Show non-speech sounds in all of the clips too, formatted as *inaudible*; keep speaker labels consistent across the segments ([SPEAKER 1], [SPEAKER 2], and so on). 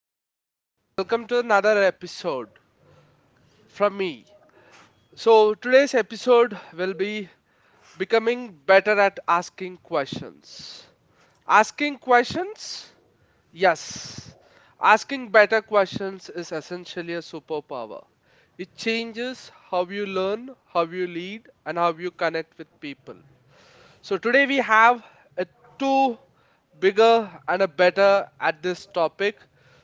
[SPEAKER 1] everyone, welcome to another episode from me. So, today's episode will be becoming better at asking questions. Asking questions? Yes. Asking better questions is essentially a superpower. It changes how you learn, how you lead, and how you connect with people. So today we have a two bigger and a better at this topic.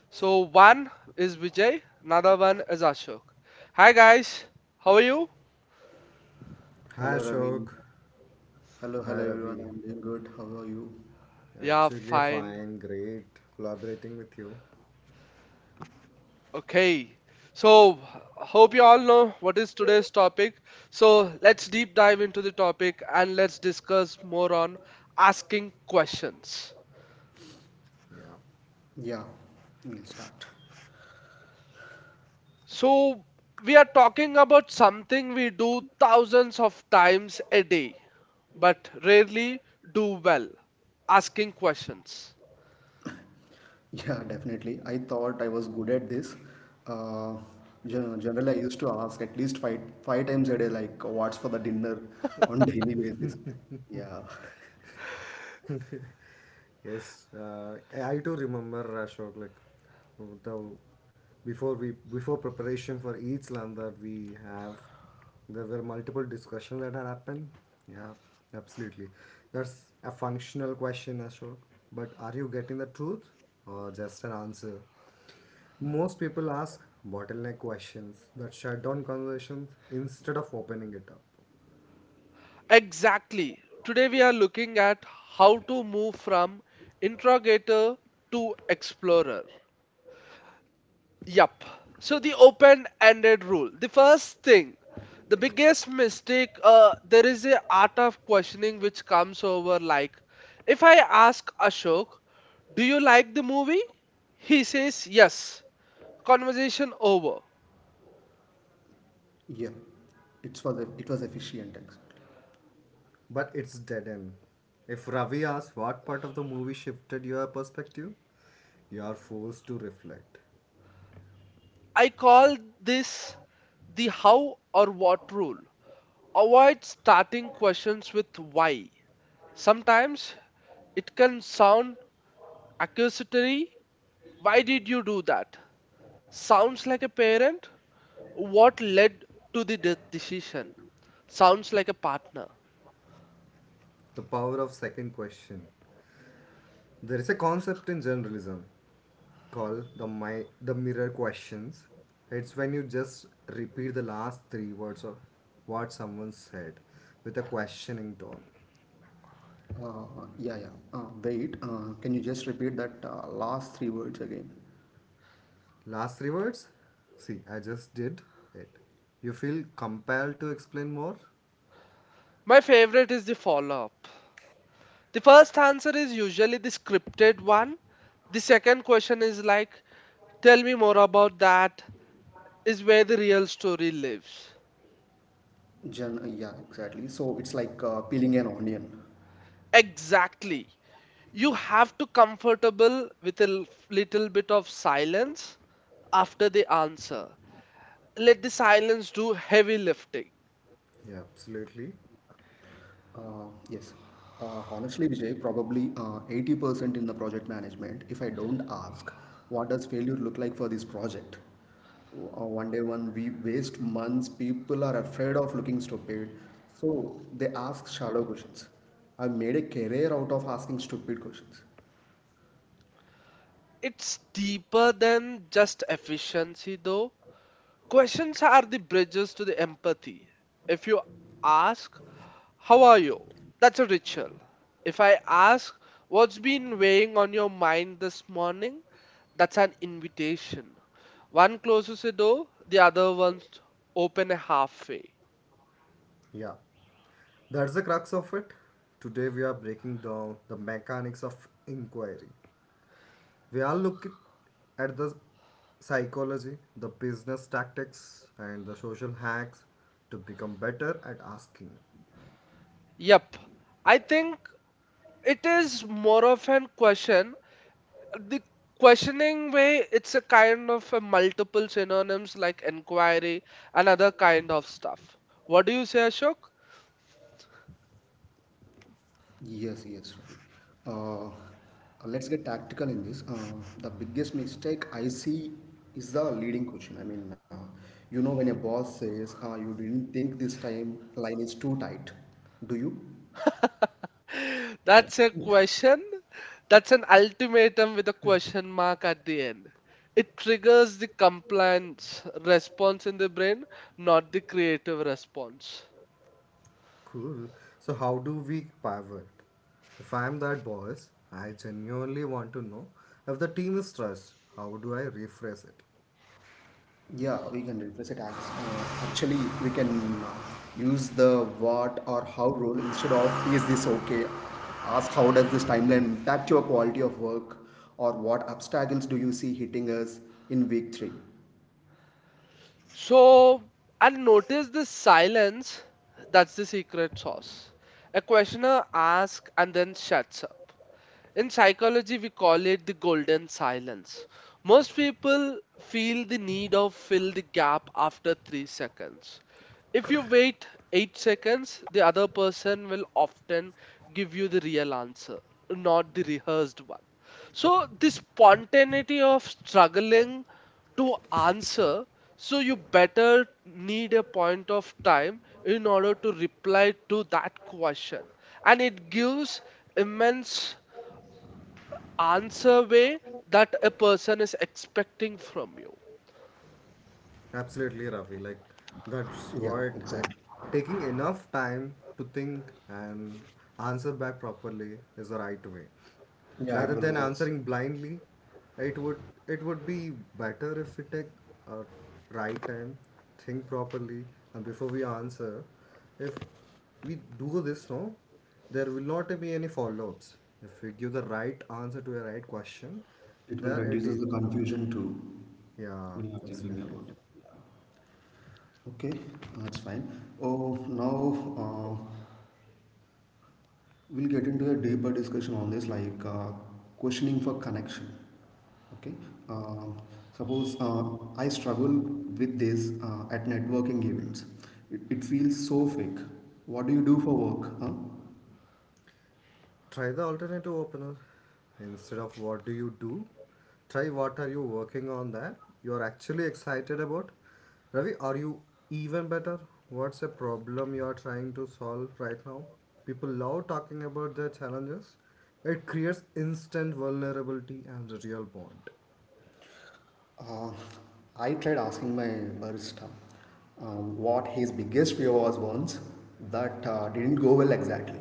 [SPEAKER 1] So one is Vijay, another one is Ashok. Hi guys, how are you?
[SPEAKER 2] Hi
[SPEAKER 3] Hello
[SPEAKER 2] Ashok.
[SPEAKER 3] Ravi. Hello,
[SPEAKER 2] Hi
[SPEAKER 3] hello everyone.
[SPEAKER 2] Ravi.
[SPEAKER 3] I'm doing good. How are you?
[SPEAKER 1] Yeah,
[SPEAKER 2] Absolutely
[SPEAKER 1] fine.
[SPEAKER 2] fine. Great collaborating with you.
[SPEAKER 1] Okay. So hope you all know what is today's topic. So let's deep dive into the topic and let's discuss more on asking questions.
[SPEAKER 2] Yeah.
[SPEAKER 3] Yeah, we'll start.
[SPEAKER 1] So, we are talking about something we do thousands of times a day, but rarely do well asking questions.
[SPEAKER 3] Yeah, definitely. I thought I was good at this. Uh, generally, I used to ask at least five times a day, like what's for the dinner on *laughs* daily basis. Yeah,
[SPEAKER 2] Yes, I do remember Ashok, like the before preparation for each land that we have, there were multiple discussions that had happened. Yeah, absolutely. That's a functional question, Ashok. But are you getting the truth or just an answer? Most people ask bottleneck questions that shut down conversations instead of opening it up.
[SPEAKER 1] Exactly. Today, we are looking at how to move from interrogator to explorer. Yup. So the open-ended rule. The first thing, the biggest mistake, there is a art of questioning which comes over like, if I ask Ashok, do you like the movie? He says yes. Conversation over.
[SPEAKER 3] *laughs* yeah. It was it was efficient exactly.
[SPEAKER 2] But it's dead end. If Ravi asks what part of the movie shifted your perspective, you are forced to reflect.
[SPEAKER 1] I call this the how or what rule. Avoid starting questions with why. Sometimes it can sound accusatory. Why did you do that? Sounds like a parent? What led to the decision? Sounds like a partner.
[SPEAKER 2] The power of second question. There is a concept in journalism called the mirror questions. It's when you just repeat the last three words of what someone said with a questioning tone.
[SPEAKER 3] Yeah. Wait. Can you just repeat that last three words again?
[SPEAKER 2] Last three words? See, I just did it. You feel compelled to explain more?
[SPEAKER 1] My favorite is the follow up. The first answer is usually the scripted one. The second question is like, tell me more about that, is where the real story lives.
[SPEAKER 3] Gen. Yeah, exactly. So it's like peeling an onion.
[SPEAKER 1] Exactly. You have to comfortable with a little bit of silence after the answer. Let the silence do heavy lifting.
[SPEAKER 2] Yeah, absolutely.
[SPEAKER 3] Uh, yes. Honestly, Vijay, probably 80% in the project management. If I don't ask, what does failure look like for this project? One we waste months, people are afraid of looking stupid. So they ask shallow questions. I've made a career out of asking stupid questions.
[SPEAKER 1] It's deeper than just efficiency, though. Questions are the bridges to the empathy. If you ask, how are you? That's a ritual. If I ask, what's been weighing on your mind this morning? That's an invitation. One closes a door, the other one's open halfway.
[SPEAKER 2] Yeah. That's the crux of it. Today we are breaking down the mechanics of inquiry. We are looking at the psychology, the business tactics, and the social hacks to become better at asking.
[SPEAKER 1] Yep, I think it is more of an question the questioning way it's a kind of a multiple synonyms like inquiry and other kind of stuff. What do you say, Ashok?
[SPEAKER 3] Yes, right. Let's get tactical in this. The biggest mistake I see is the leading question. When a boss says, you didn't think this time line is too tight, do you?
[SPEAKER 1] *laughs* That's a question, that's an ultimatum with a question mark at the end. It triggers the compliance response in the brain, not the creative response.
[SPEAKER 2] Cool. So, how do we pivot? If I'm that boss, I genuinely want to know if the team is stressed. How do I rephrase it?
[SPEAKER 3] Yeah, we can replace it as actually, we can use the what or how rule instead of is this okay? Ask how does this timeline impact your quality of work or what obstacles do you see hitting us in week three?
[SPEAKER 1] So, and notice the silence, that's the secret sauce. A questioner asks and then shuts up. In psychology, we call it the golden silence. Most people feel the need of fill the gap after 3 seconds. If you wait 8 seconds, the other person will often give you the real answer, not the rehearsed one. So, the spontaneity of struggling to answer, so you better need a point of time in order to reply to that question. And it gives immense answer way that a person is expecting from you.
[SPEAKER 2] Absolutely, Rafi. Like, that's
[SPEAKER 3] Yeah,
[SPEAKER 2] what, like,
[SPEAKER 3] exactly.
[SPEAKER 2] taking enough time to think and answer back properly is the right way.
[SPEAKER 3] Yeah,
[SPEAKER 2] Rather
[SPEAKER 3] it will
[SPEAKER 2] than
[SPEAKER 3] work.
[SPEAKER 2] answering blindly, it would it would be better if we take a right time, think properly, and before we answer, if we do this, no, there will not be any follow-ups. If we give the right answer to a right question,
[SPEAKER 3] It will
[SPEAKER 2] there it is.
[SPEAKER 3] reduces the confusion too
[SPEAKER 2] Yeah,
[SPEAKER 3] when you are thinking
[SPEAKER 2] absolutely.
[SPEAKER 3] about it. Yeah. Okay, that's fine. Oh, now we'll get into a deeper discussion on this, like questioning for connection. Okay. Um suppose I struggle with this at networking events. It feels so fake. What do you do for work? Huh?
[SPEAKER 2] Try the alternative opener. Instead of what do you do, try what are you working on that you're actually excited about. Ravi, are you even better? What's a problem you are trying to solve right now? People love talking about their challenges. It creates instant vulnerability and a real bond.
[SPEAKER 3] Uh, I tried asking my barista uh, what his biggest fear was once that didn't go well exactly.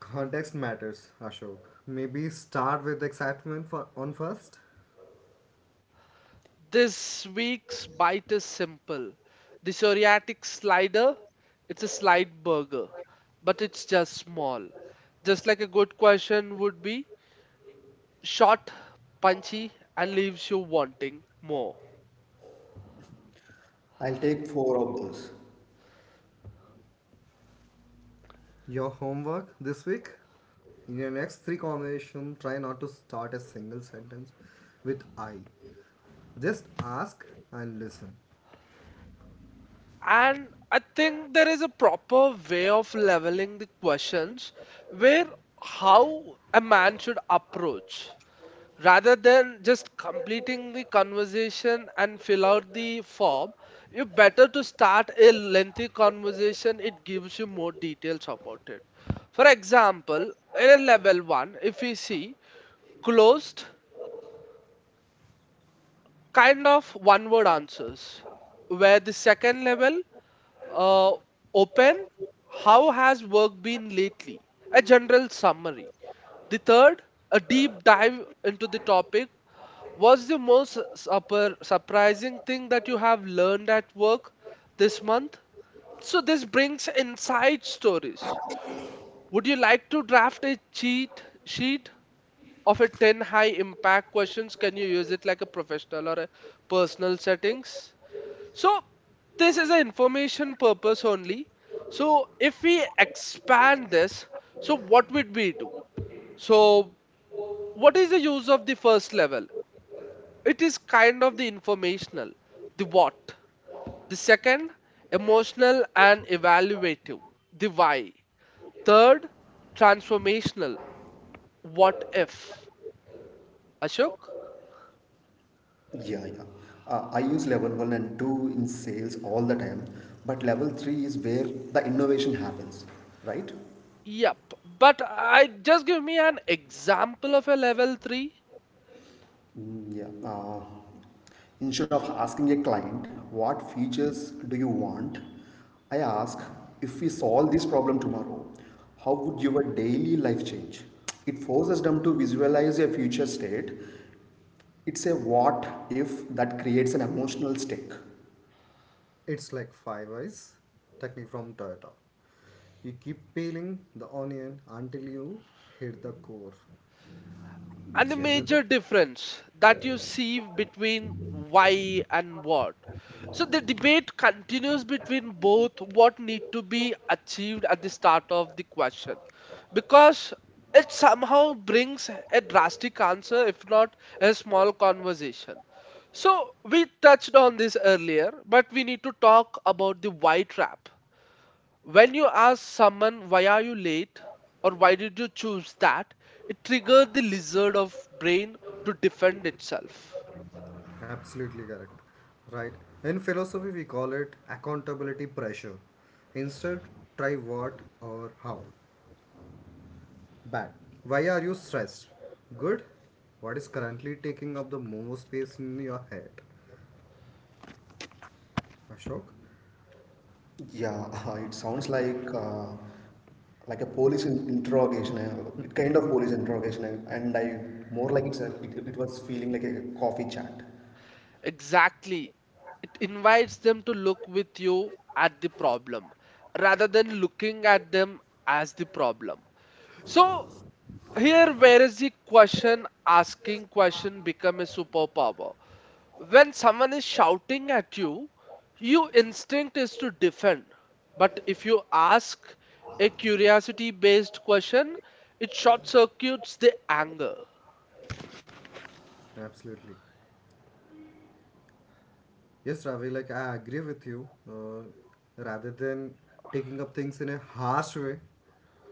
[SPEAKER 2] Context matters, Ashok. Maybe start with excitement for on first.
[SPEAKER 1] This week's bite is simple. The psoriatic slider, it's a slide burger, but it's just small. Just like a good question would be short, punchy, and leaves you wanting more.
[SPEAKER 3] I'll take four of those.
[SPEAKER 2] Your homework this week? In your next three conversations, try not to start a single sentence with I. Just ask and listen.
[SPEAKER 1] And I think there is a proper way of leveling the questions where how a man should approach, rather than just completing the conversation and fill out the form. You better to start a lengthy conversation, it gives you more details about it. For example, in a level 1, if we see closed kind of one word answers, where the second level, uh, open, how has work been lately, a general summary. The third, a deep dive into the topic. What's the most supper surprising thing that you have learned at work this month? So this brings inside stories. Would you like to draft a cheat sheet of a 10 high impact questions? Can you use it like a professional or a personal settings? So this is an information purpose only. So if we expand this, so what would we do? So what is the use of the first level? It is kind of the informational, the what. The second, emotional and evaluative, the why. Third, transformational, what if. Ashok?
[SPEAKER 3] Yeah, yeah. I use level one and two in sales all the time, but level three is where the innovation happens, right?
[SPEAKER 1] Yep. But I just give me an example of a level 3.
[SPEAKER 3] Mm, Yeah. Instead of asking a client, what features do you want? I ask, if we solve this problem tomorrow, how would your daily life change? It forces them to visualize a future state. It's a what if that creates an emotional stake.
[SPEAKER 2] It's like five eyes technique from Toyota. You keep peeling the onion until you hit the core,
[SPEAKER 1] And the
[SPEAKER 3] Yeah.
[SPEAKER 2] isn't
[SPEAKER 1] major
[SPEAKER 2] it?
[SPEAKER 1] difference that you
[SPEAKER 2] Yeah,
[SPEAKER 1] see between why and what. So the debate continues between both what need to be achieved at the start of the question, because it somehow brings a drastic answer if not a small conversation. So we touched on this earlier but we need to talk about the why trap. When you ask someone why are you late or why did you choose that, it triggers the lizard of brain to defend itself.
[SPEAKER 2] absolutely correct. Right. In philosophy, we call it accountability pressure. Instead, try what or how. Bad. Why are you stressed? Good. What is currently taking up the most space in your head? Ashok?
[SPEAKER 3] Yeah, *laughs* it sounds like interrogation, a kind of police interrogation, and I more like it was feeling like a coffee chat.
[SPEAKER 1] Exactly. It invites them to look with you at the problem rather than looking at them as the problem. So here where is the question asking question become a superpower. When someone is shouting at you, your instinct is to defend. But if you ask a curiosity based question, it short circuits the anger.
[SPEAKER 2] Absolutely. Yes, Ravi, like I agree with you. Rather than taking up things in a harsh way,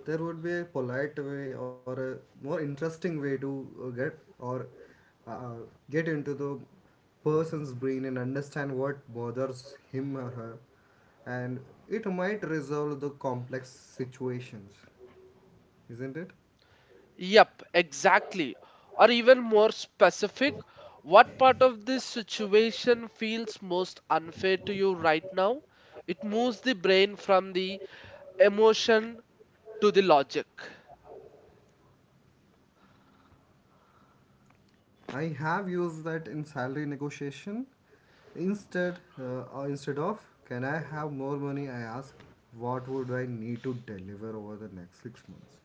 [SPEAKER 2] there would be a polite way or a more interesting way to get or uh, get into the person's brain and understand what bothers him or her, and it might resolve the complex situations, isn't it?
[SPEAKER 1] Yep, exactly. Or even more specific, what part of this situation feels most unfair to you right now? It moves the brain from the emotion to the logic.
[SPEAKER 2] I have used that in salary negotiation. Instead of can I have more money, I ask what would I need to deliver over the next 6 months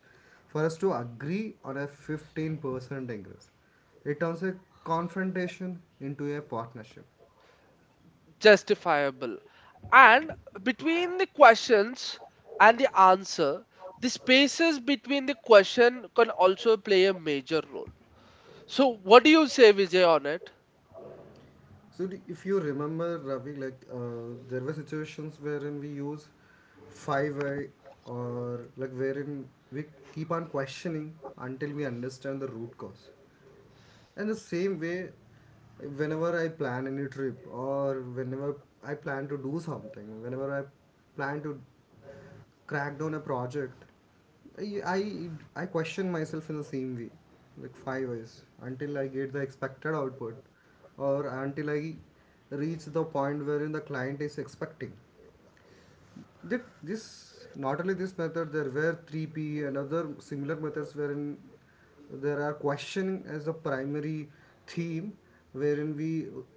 [SPEAKER 2] for us to agree on a 15% increase. It turns a confrontation into a partnership.
[SPEAKER 1] Justifiable. And between the questions and the answer, the spaces between the question can also play a major role. So, what do you say, Vijay, on it?
[SPEAKER 2] So if you remember, Ravi, like there were situations wherein we use five I, or like wherein we keep on questioning until we understand the root cause. And the same way, whenever I plan any trip, or whenever I plan to do something, whenever I plan to crack down a project, I, I, I question myself in the same way, like five ways, until I get the expected output or until I reach the point wherein the client is expecting. That this, not only this method, there were 3P and other similar methods wherein there are questioning as the primary theme, wherein we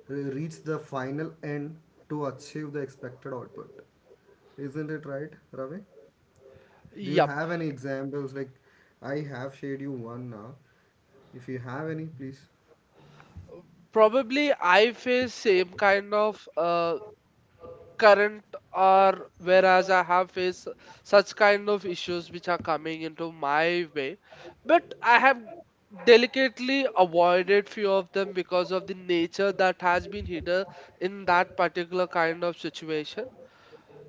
[SPEAKER 2] reach the final end to achieve the expected output. Isn't it right, Ravi? Do you
[SPEAKER 1] Yep.
[SPEAKER 2] have any examples? Like, I have shared you one now. If you have any, please.
[SPEAKER 1] Probably I face same kind of current, or whereas I have faced such kind of issues which are coming into my way, but I have delicately avoided few of them because of the nature that has been hidden in that particular kind of situation.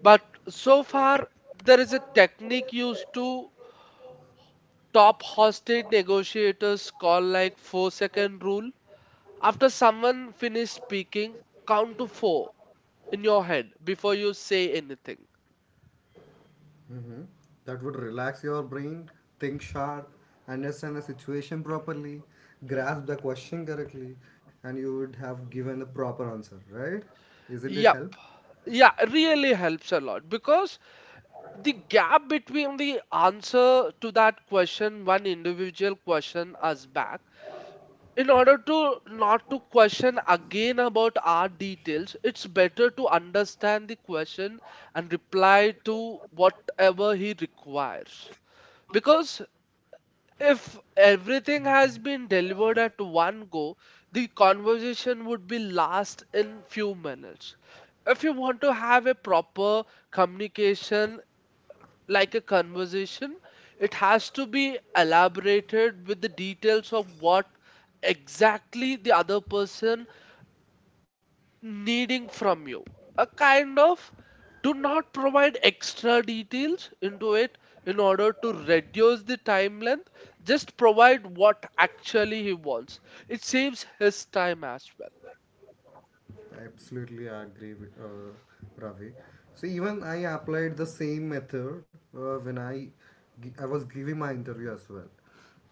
[SPEAKER 1] But so far, there is a technique used to top hostage negotiators called like 4-second rule. After someone finish speaking, count to four in your head before you say anything.
[SPEAKER 2] Hmm. That would relax your brain, think sharp, understand the situation properly, grasp the question correctly, and you would have given the proper answer, right? Isn't it
[SPEAKER 1] Yeah.
[SPEAKER 2] help?
[SPEAKER 1] Yeah, really helps a lot because the gap between the answer to that question, one individual question us back, in order to not to question again about our details, it's better to understand the question and reply to whatever he requires. Because if everything has been delivered at one go, the conversation would be last in few minutes. If you want to have a proper communication, like a conversation, it has to be elaborated with the details of what exactly the other person needing from you. A kind of, do not provide extra details into it in order to reduce the time length, just provide what actually he wants, it saves his time as well.
[SPEAKER 2] Absolutely, I agree with, Ravi. So even I applied the same method when I was giving my interview as well.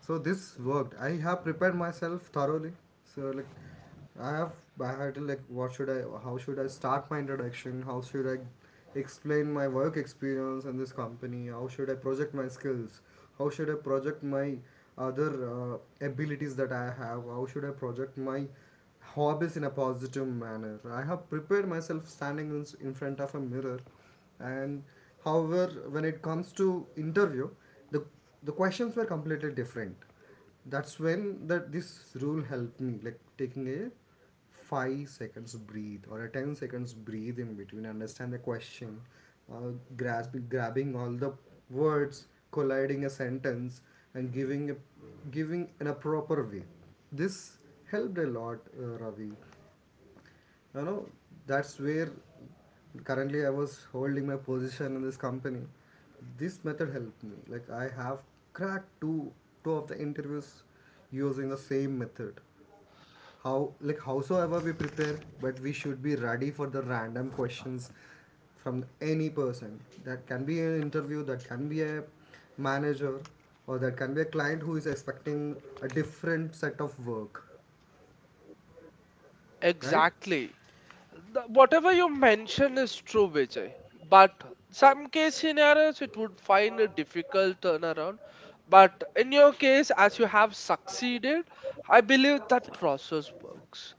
[SPEAKER 2] So this worked. I have prepared myself thoroughly. So, like, I have I had to, like, what should I, how should I start my introduction? How should I explain my work experience in this company? How should I project my skills? How should I project my other abilities that I have? How should I project my hobbies in a positive manner? I have prepared myself standing in front of a mirror, and however, when it comes to interview, the the questions were completely different. That's when, that this rule helped me, like taking a 5 seconds breathe or a 10 seconds breathe in between, understand the question, uh, grabbing all the words colliding a sentence, and giving in a proper way. This helped a lot, Ravi you know that's where currently I was holding my position in this company. This method helped me, like I have cracked two of the interviews using the same method. Howsoever we prepare, but we should be ready for the random questions from any person. That can be an interview, that can be a manager, or that can be a client who is expecting a different set of work, right?
[SPEAKER 1] Exactly. The- whatever you mention is true, Vijay, but some case scenarios it would find a difficult turnaround. But in your case, as you have succeeded, I believe that process works.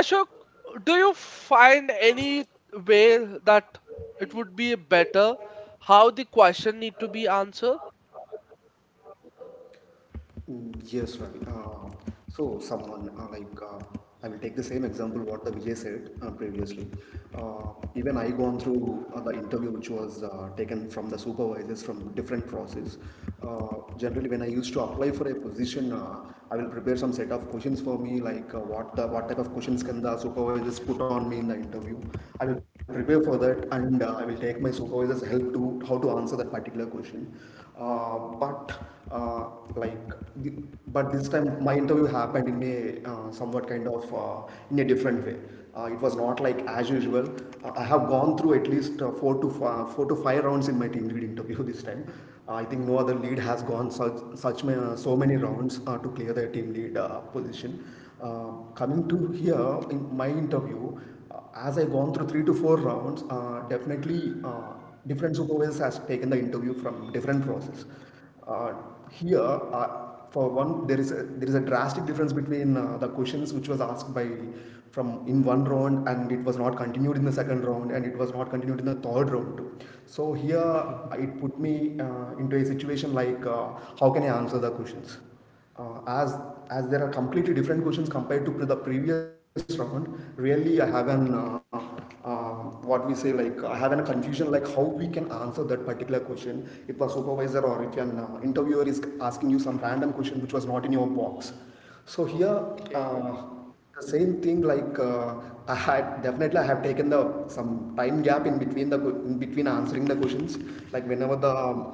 [SPEAKER 1] Ashok, do you find any way that it would be better how the question need to be answered?
[SPEAKER 3] Yes, Ravi. So someone I will take the same example what the Vijay said previously. Even I gone through the interview which was taken from the supervisors from different process. Uh, generally, when I used to apply for a position, I will prepare some set of questions for me, like what type of questions can the supervisors put on me in the interview. I will prepare for that, and I will take my supervisor's help to how to answer that particular question. Uh, but uh, like th- but this time my interview happened in a somewhat kind of in a different way. Uh, it was not like as usual. I have gone through at least four to five rounds in my team lead interview *laughs* this time. I think no other lead has gone such so many rounds to clear their team lead position. Uh, coming to here in my interview, as I gone through three to four rounds, definitely uh, different supervisors has taken the interview from different process. uh, for one, there is a drastic difference between the questions which was asked by from in one round and it was not continued in the second round and it was not continued in the third round too. So here, it put me into a situation like how can I answer the questions? Uh, as as there are completely different questions compared to the previous round, really I have an uh, what we say, like I have an confusion like how we can answer that particular question if a supervisor or if an interviewer is asking you some random question which was not in your box. So here uh,
[SPEAKER 1] Okay.
[SPEAKER 3] the same thing, like I had definitely I have taken the some time gap in between in between answering the questions like whenever the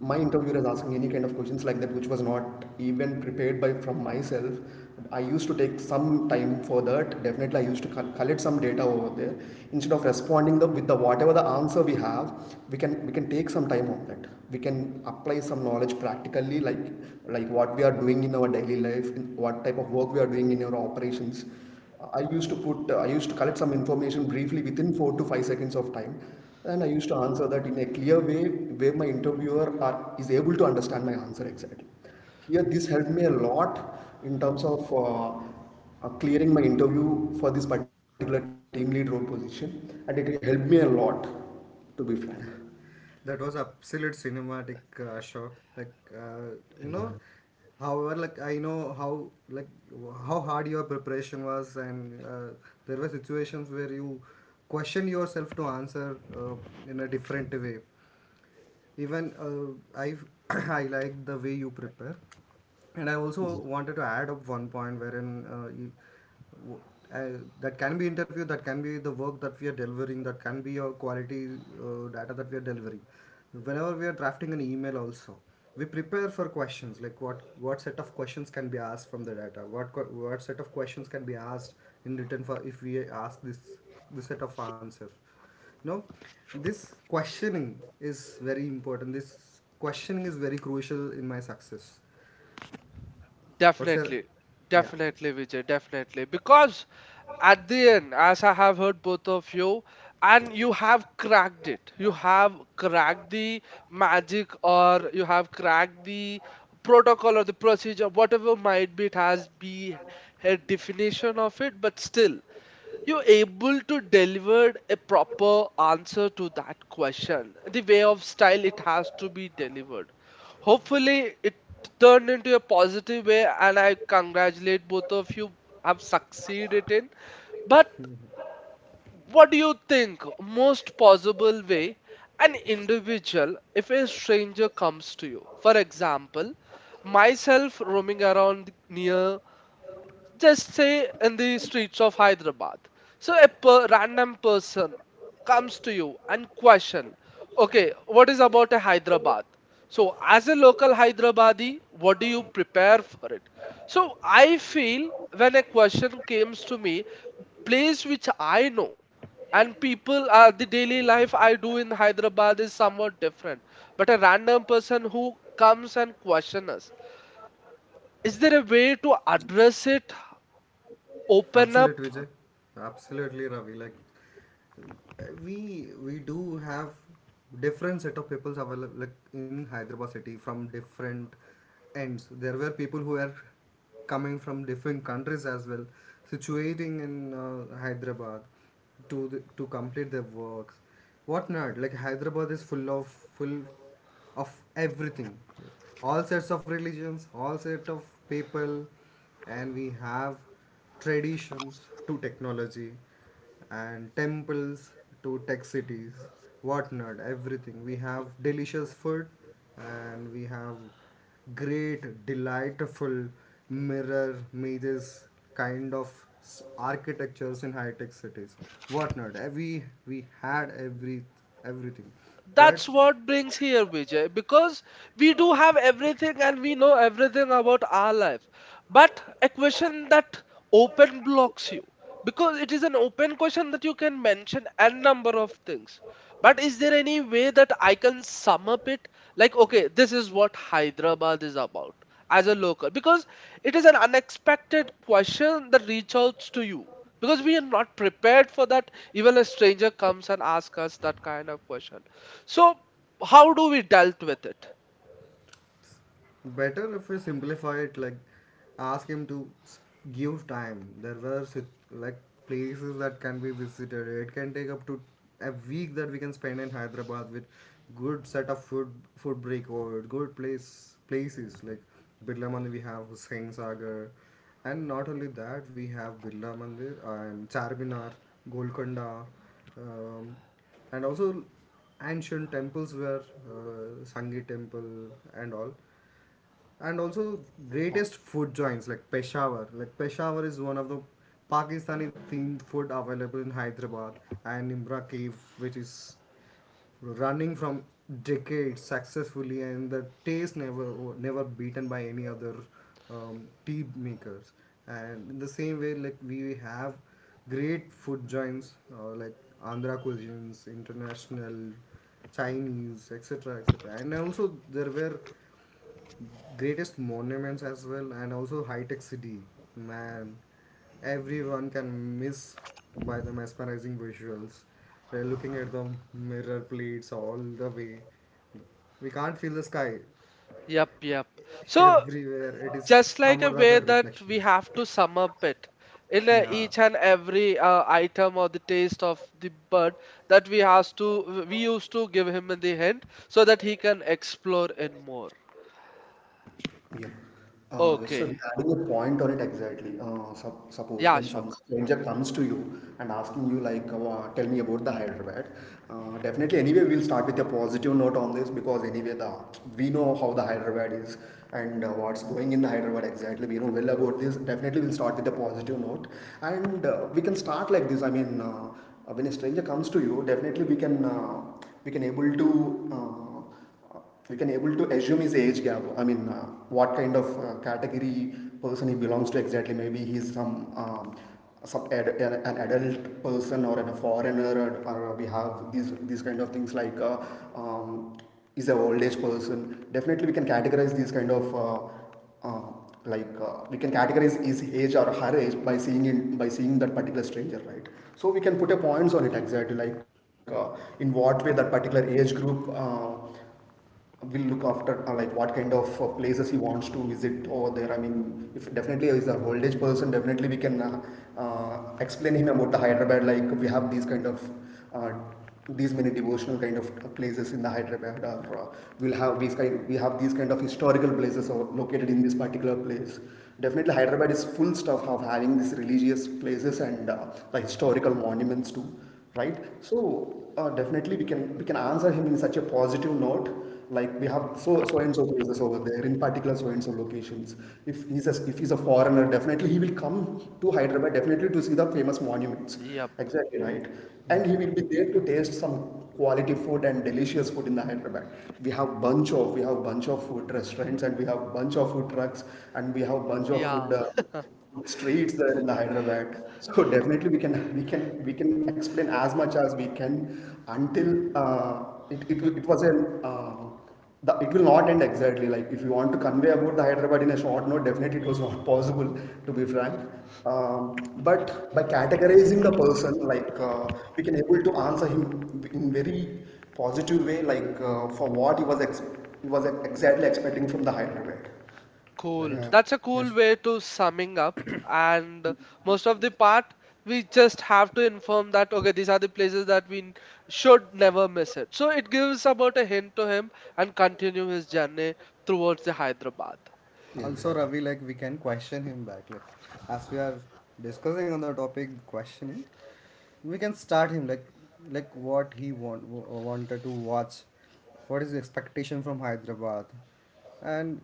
[SPEAKER 3] my interviewer is asking any kind of questions like that which was not even prepared by from myself. I used to take some time for that. Definitely I used to collect some data over there instead of responding with the whatever the answer we have, we can take some time on that. We can apply some knowledge practically, like what we are doing in our daily life, in what type of work we are doing in our operations. I used to collect some information briefly within 4 to 5 seconds of time, and I used to answer that in a clear way where my is able to understand my answer exactly. Here, this helped me a lot in terms of clearing my interview for this particular team lead role position, and it helped me a lot, to be frank.
[SPEAKER 2] That was absolute cinematic shot, you know
[SPEAKER 3] Yeah.
[SPEAKER 2] however like I know how, how hard your preparation was, and there were situations where you question yourself to answer in a different way. Even I *coughs* *clears throat* I like the way you prepare, and I also wanted to add up one point wherein you, w- that can be interview, that can be the work that we are delivering, that can be your quality data that we are delivering. Whenever we are drafting an email also, we prepare for questions like, what set of questions can be asked from the data, what set of questions can be asked in return for if we ask this set of answers. No, this questioning is very important. This questioning is very crucial in my success. What's
[SPEAKER 1] Definitely.
[SPEAKER 2] your, yeah,
[SPEAKER 1] Definitely, Vijay, definitely. Because at the end, as I have heard both of you, and you have cracked it. You have cracked the magic or you have cracked the protocol or the procedure, whatever might be, it has be a definition of it, but still you're able to deliver a proper answer to that question the way of style it has to be delivered. Hopefully it turned into a positive way and I congratulate both of you have succeeded in. But what do you think most possible way, an individual if a stranger comes to you, for example myself roaming around near, just say in the streets of Hyderabad, so a random person comes to you and question, okay, what is about a Hyderabad? So as a local Hyderabadi, what do you prepare for it? So I feel when a question comes to me, place which I know, and people, the daily life I do in Hyderabad is somewhat different. But a random person who comes and question us, is there a way to address it, open
[SPEAKER 2] absolute
[SPEAKER 1] up?
[SPEAKER 2] Vijay, absolutely Ravi. Like, we do have different set of peoples available, like in Hyderabad city from different ends. There were people who are coming from different countries as well, situating in Hyderabad, to complete their works, whatnot. Like, Hyderabad is full of everything, all sets of religions, all set of people, and we have traditions to technology, and temples to tech cities, whatnot, everything. We have delicious food, and we have great, delightful mirror mazes kind of architectures in high tech cities, whatnot. We had everything, but
[SPEAKER 1] That's what brings here, Vijay, because we do have everything and we know everything about our life. But a question that open blocks you because it is an open question that you can mention n number of things. But is there any way that I can sum up it, like okay, this is what Hyderabad is about as a local? Because it is an unexpected question that reaches out to you, because we are not prepared for that, even a stranger comes and asks us that kind of question. So, how do we dealt with it?
[SPEAKER 2] better if we simplify it, like, ask him to give time. There were like, places that can be visited. It can take up to a week that we can spend in Hyderabad with good set of food break, or good places like Birla Mandir. We have Hussain Sagar, and not only that, we have Birla Mandir and Charminar, Golconda, um, and also ancient temples were, Sangi Temple and all. And also greatest food joints like Peshawar. Like, Peshawar is one of the Pakistani themed food available in Hyderabad, and Nimra Cave, which is running from decades successfully, and the taste never beaten by any other tea makers. And in the same way, like, we have great food joints like Andhra cuisines, international Chinese, etc., etc. And also there were greatest monuments as well, and also high-tech city, man, everyone can miss by the mesmerizing visuals, they looking at the mirror plates all the way. We can't feel the sky,
[SPEAKER 1] Yep, yep. So,
[SPEAKER 2] everywhere it is
[SPEAKER 1] just like
[SPEAKER 2] some
[SPEAKER 1] a
[SPEAKER 2] or other
[SPEAKER 1] way that we
[SPEAKER 2] reflections.
[SPEAKER 1] have to sum up it in a,
[SPEAKER 2] Yeah.
[SPEAKER 1] each and every item or the taste of the bird that we has to we used to give him in the hint so that he can explore in more.
[SPEAKER 3] Yeah. Yes, sir,
[SPEAKER 1] Okay.
[SPEAKER 3] adding a point on it exactly. Suppose
[SPEAKER 1] Yeah,
[SPEAKER 3] when some
[SPEAKER 1] Ashok.
[SPEAKER 3] stranger comes to you and asking you like, tell me about the Hyderabad. Definitely, anyway, we'll start with a positive note on this, because anyway, the we know how the Hyderabad is and what's going in the Hyderabad exactly. We know well about this. Definitely, we'll start with a positive note and we can start like this. When a stranger comes to you, definitely we can able to. Uh, we can able to assume his age gap. What kind of category person he belongs to exactly? Maybe he's um, some an adult person or a foreigner, or we have these kind of things, like um, is a old age person. Definitely we can categorize these kind of uh, we can categorize his age or her age by seeing that particular stranger, right? So we can put a points on it exactly, like in what way that particular age group will look after, like what kind of places he wants to visit over there. I mean, if definitely is a old age person, definitely we can explain him about the Hyderabad, like we have these kind of uh, these many devotional kind of places in the Hyderabad, or we have these kind of historical places or located in this particular place. Definitely Hyderabad is full stuff of having these religious places and the historical monuments too, right? So definitely we can answer him in such a positive note, like we have so so and so places over there in particular so and so locations. If he's a foreigner, definitely he will come to Hyderabad definitely to see the famous monuments,
[SPEAKER 1] Yep.
[SPEAKER 3] exactly, right? And he
[SPEAKER 2] Yeah,
[SPEAKER 3] will be there to taste some quality food and delicious food in the Hyderabad. We have bunch of food restaurants, and we have bunch of food trucks, and we have bunch of
[SPEAKER 1] Yeah.
[SPEAKER 3] food streets there in the Hyderabad. So definitely we can we can explain as much as we can until it, it will- it was an the, it will not end exactly. Like if you want to convey about the Hyderabad in a short note, definitely it was not possible, to be frank. Um, but by categorizing the person, like we can able to answer him in very positive way, like for what he was ex- he was exactly expecting from the Hyderabad.
[SPEAKER 1] Cool.
[SPEAKER 3] Right.
[SPEAKER 2] yeah,
[SPEAKER 1] That's a
[SPEAKER 2] yes.
[SPEAKER 1] cool way to summing up. And most of the part, we just have to inform that okay, these are the places that we should never miss it. So it gives about a hint to him and continue his journey towards the Hyderabad.
[SPEAKER 3] Yeah,
[SPEAKER 2] Also,
[SPEAKER 3] exactly.
[SPEAKER 2] Ravi, like, we can question him back. Like, as we are discussing on the topic questioning, we can start him like, what he wanted to watch, what is the expectation from Hyderabad, and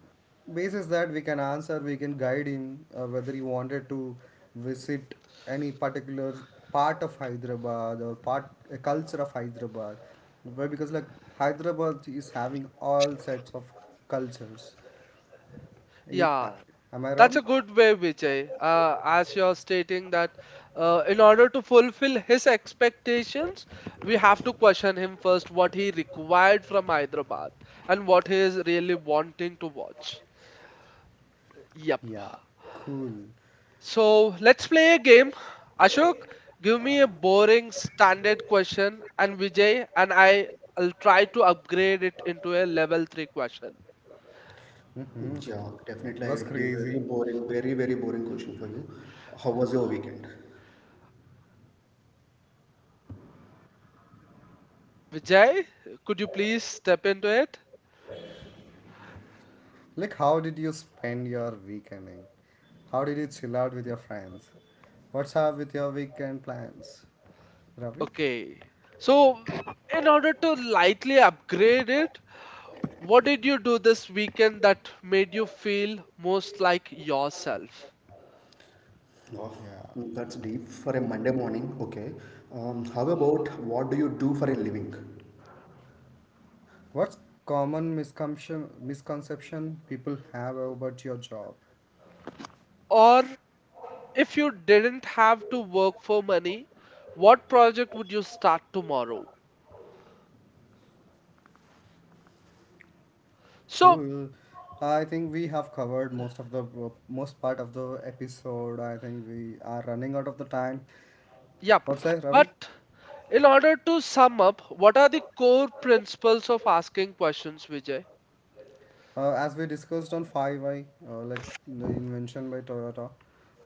[SPEAKER 2] basis that we can answer, we can guide him whether he wanted to visit any particular part of Hyderabad, or part a culture of Hyderabad. Why? Because, like, Hyderabad is having all sets of cultures. Y- I-
[SPEAKER 1] Yeah,
[SPEAKER 2] Am I
[SPEAKER 1] that's
[SPEAKER 2] wrong?
[SPEAKER 1] a good way, Vijay. As you're stating that in order to fulfill his expectations, we have to question him first what he required from Hyderabad and what he is really wanting to watch. Yep.
[SPEAKER 2] Yeah, cool.
[SPEAKER 1] So let's play a game. Ashok, give me a boring standard question, and Vijay and I will try to upgrade it into a level 3 question.
[SPEAKER 2] Hmm.
[SPEAKER 3] Yeah, definitely.
[SPEAKER 2] It
[SPEAKER 3] I
[SPEAKER 2] was
[SPEAKER 3] will give very
[SPEAKER 2] crazy.
[SPEAKER 3] boring, very boring question for you. How was your weekend?
[SPEAKER 1] Vijay, could you please step into it?
[SPEAKER 2] Like, how did you spend your weekending? How did you chill out with your friends? What's up with your weekend plans, Ravi?
[SPEAKER 1] Okay. So, in order to lightly upgrade it, what did you do this weekend that made you feel most like yourself?
[SPEAKER 3] Oh,
[SPEAKER 2] Yeah.
[SPEAKER 3] that's deep for a Monday morning. Okay. How about what do you do for a living?
[SPEAKER 2] What's common misconception people have about your job?
[SPEAKER 1] Or if you didn't have to work for money, what project would you start tomorrow? So,
[SPEAKER 2] Cool. I think we have covered most part of the episode. I think we are running out of the time.
[SPEAKER 1] yep.
[SPEAKER 2] What's that, Ravi?
[SPEAKER 1] But in order to sum up, what are the core principles of asking questions, Vijay?
[SPEAKER 2] As we discussed on 5i, like the invention by Toyota,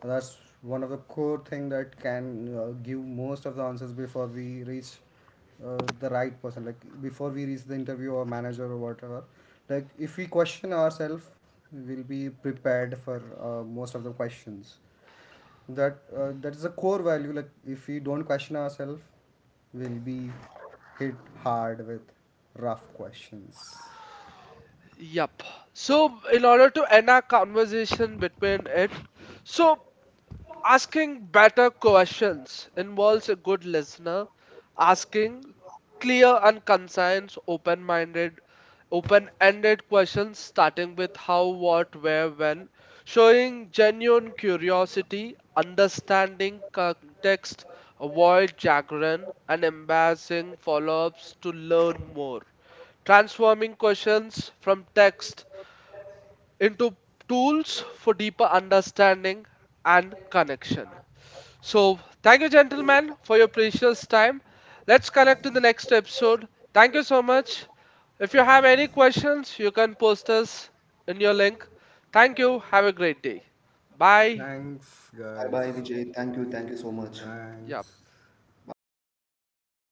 [SPEAKER 2] that's one of the core thing that can give most of the answers before we reach the right person. Like, before we reach the interview or manager or whatever. Like, if we question ourselves, we'll be prepared for most of the questions. That is a core value. Like if we don't question ourselves, we'll be hit hard with rough questions.
[SPEAKER 1] Yep. So, in order to end our conversation between it, so asking better questions involves a good listener asking clear and concise, open minded, open ended questions starting with how, what, where, when, showing genuine curiosity, understanding context, avoid jargon, and embarrassing follow ups to learn more. Transforming questions from text into tools for deeper understanding and connection. So, thank you, gentlemen, for your precious time. Let's connect in the next episode. Thank you so much. If you have any questions, you can post us in your link. Thank you. Have a great day. Bye.
[SPEAKER 2] Thanks,
[SPEAKER 3] Bye bye,
[SPEAKER 2] guys.
[SPEAKER 3] Vijay. Thank you. Thank you so much.
[SPEAKER 1] Yeah.
[SPEAKER 2] Thanks.
[SPEAKER 3] Bye, Ravi.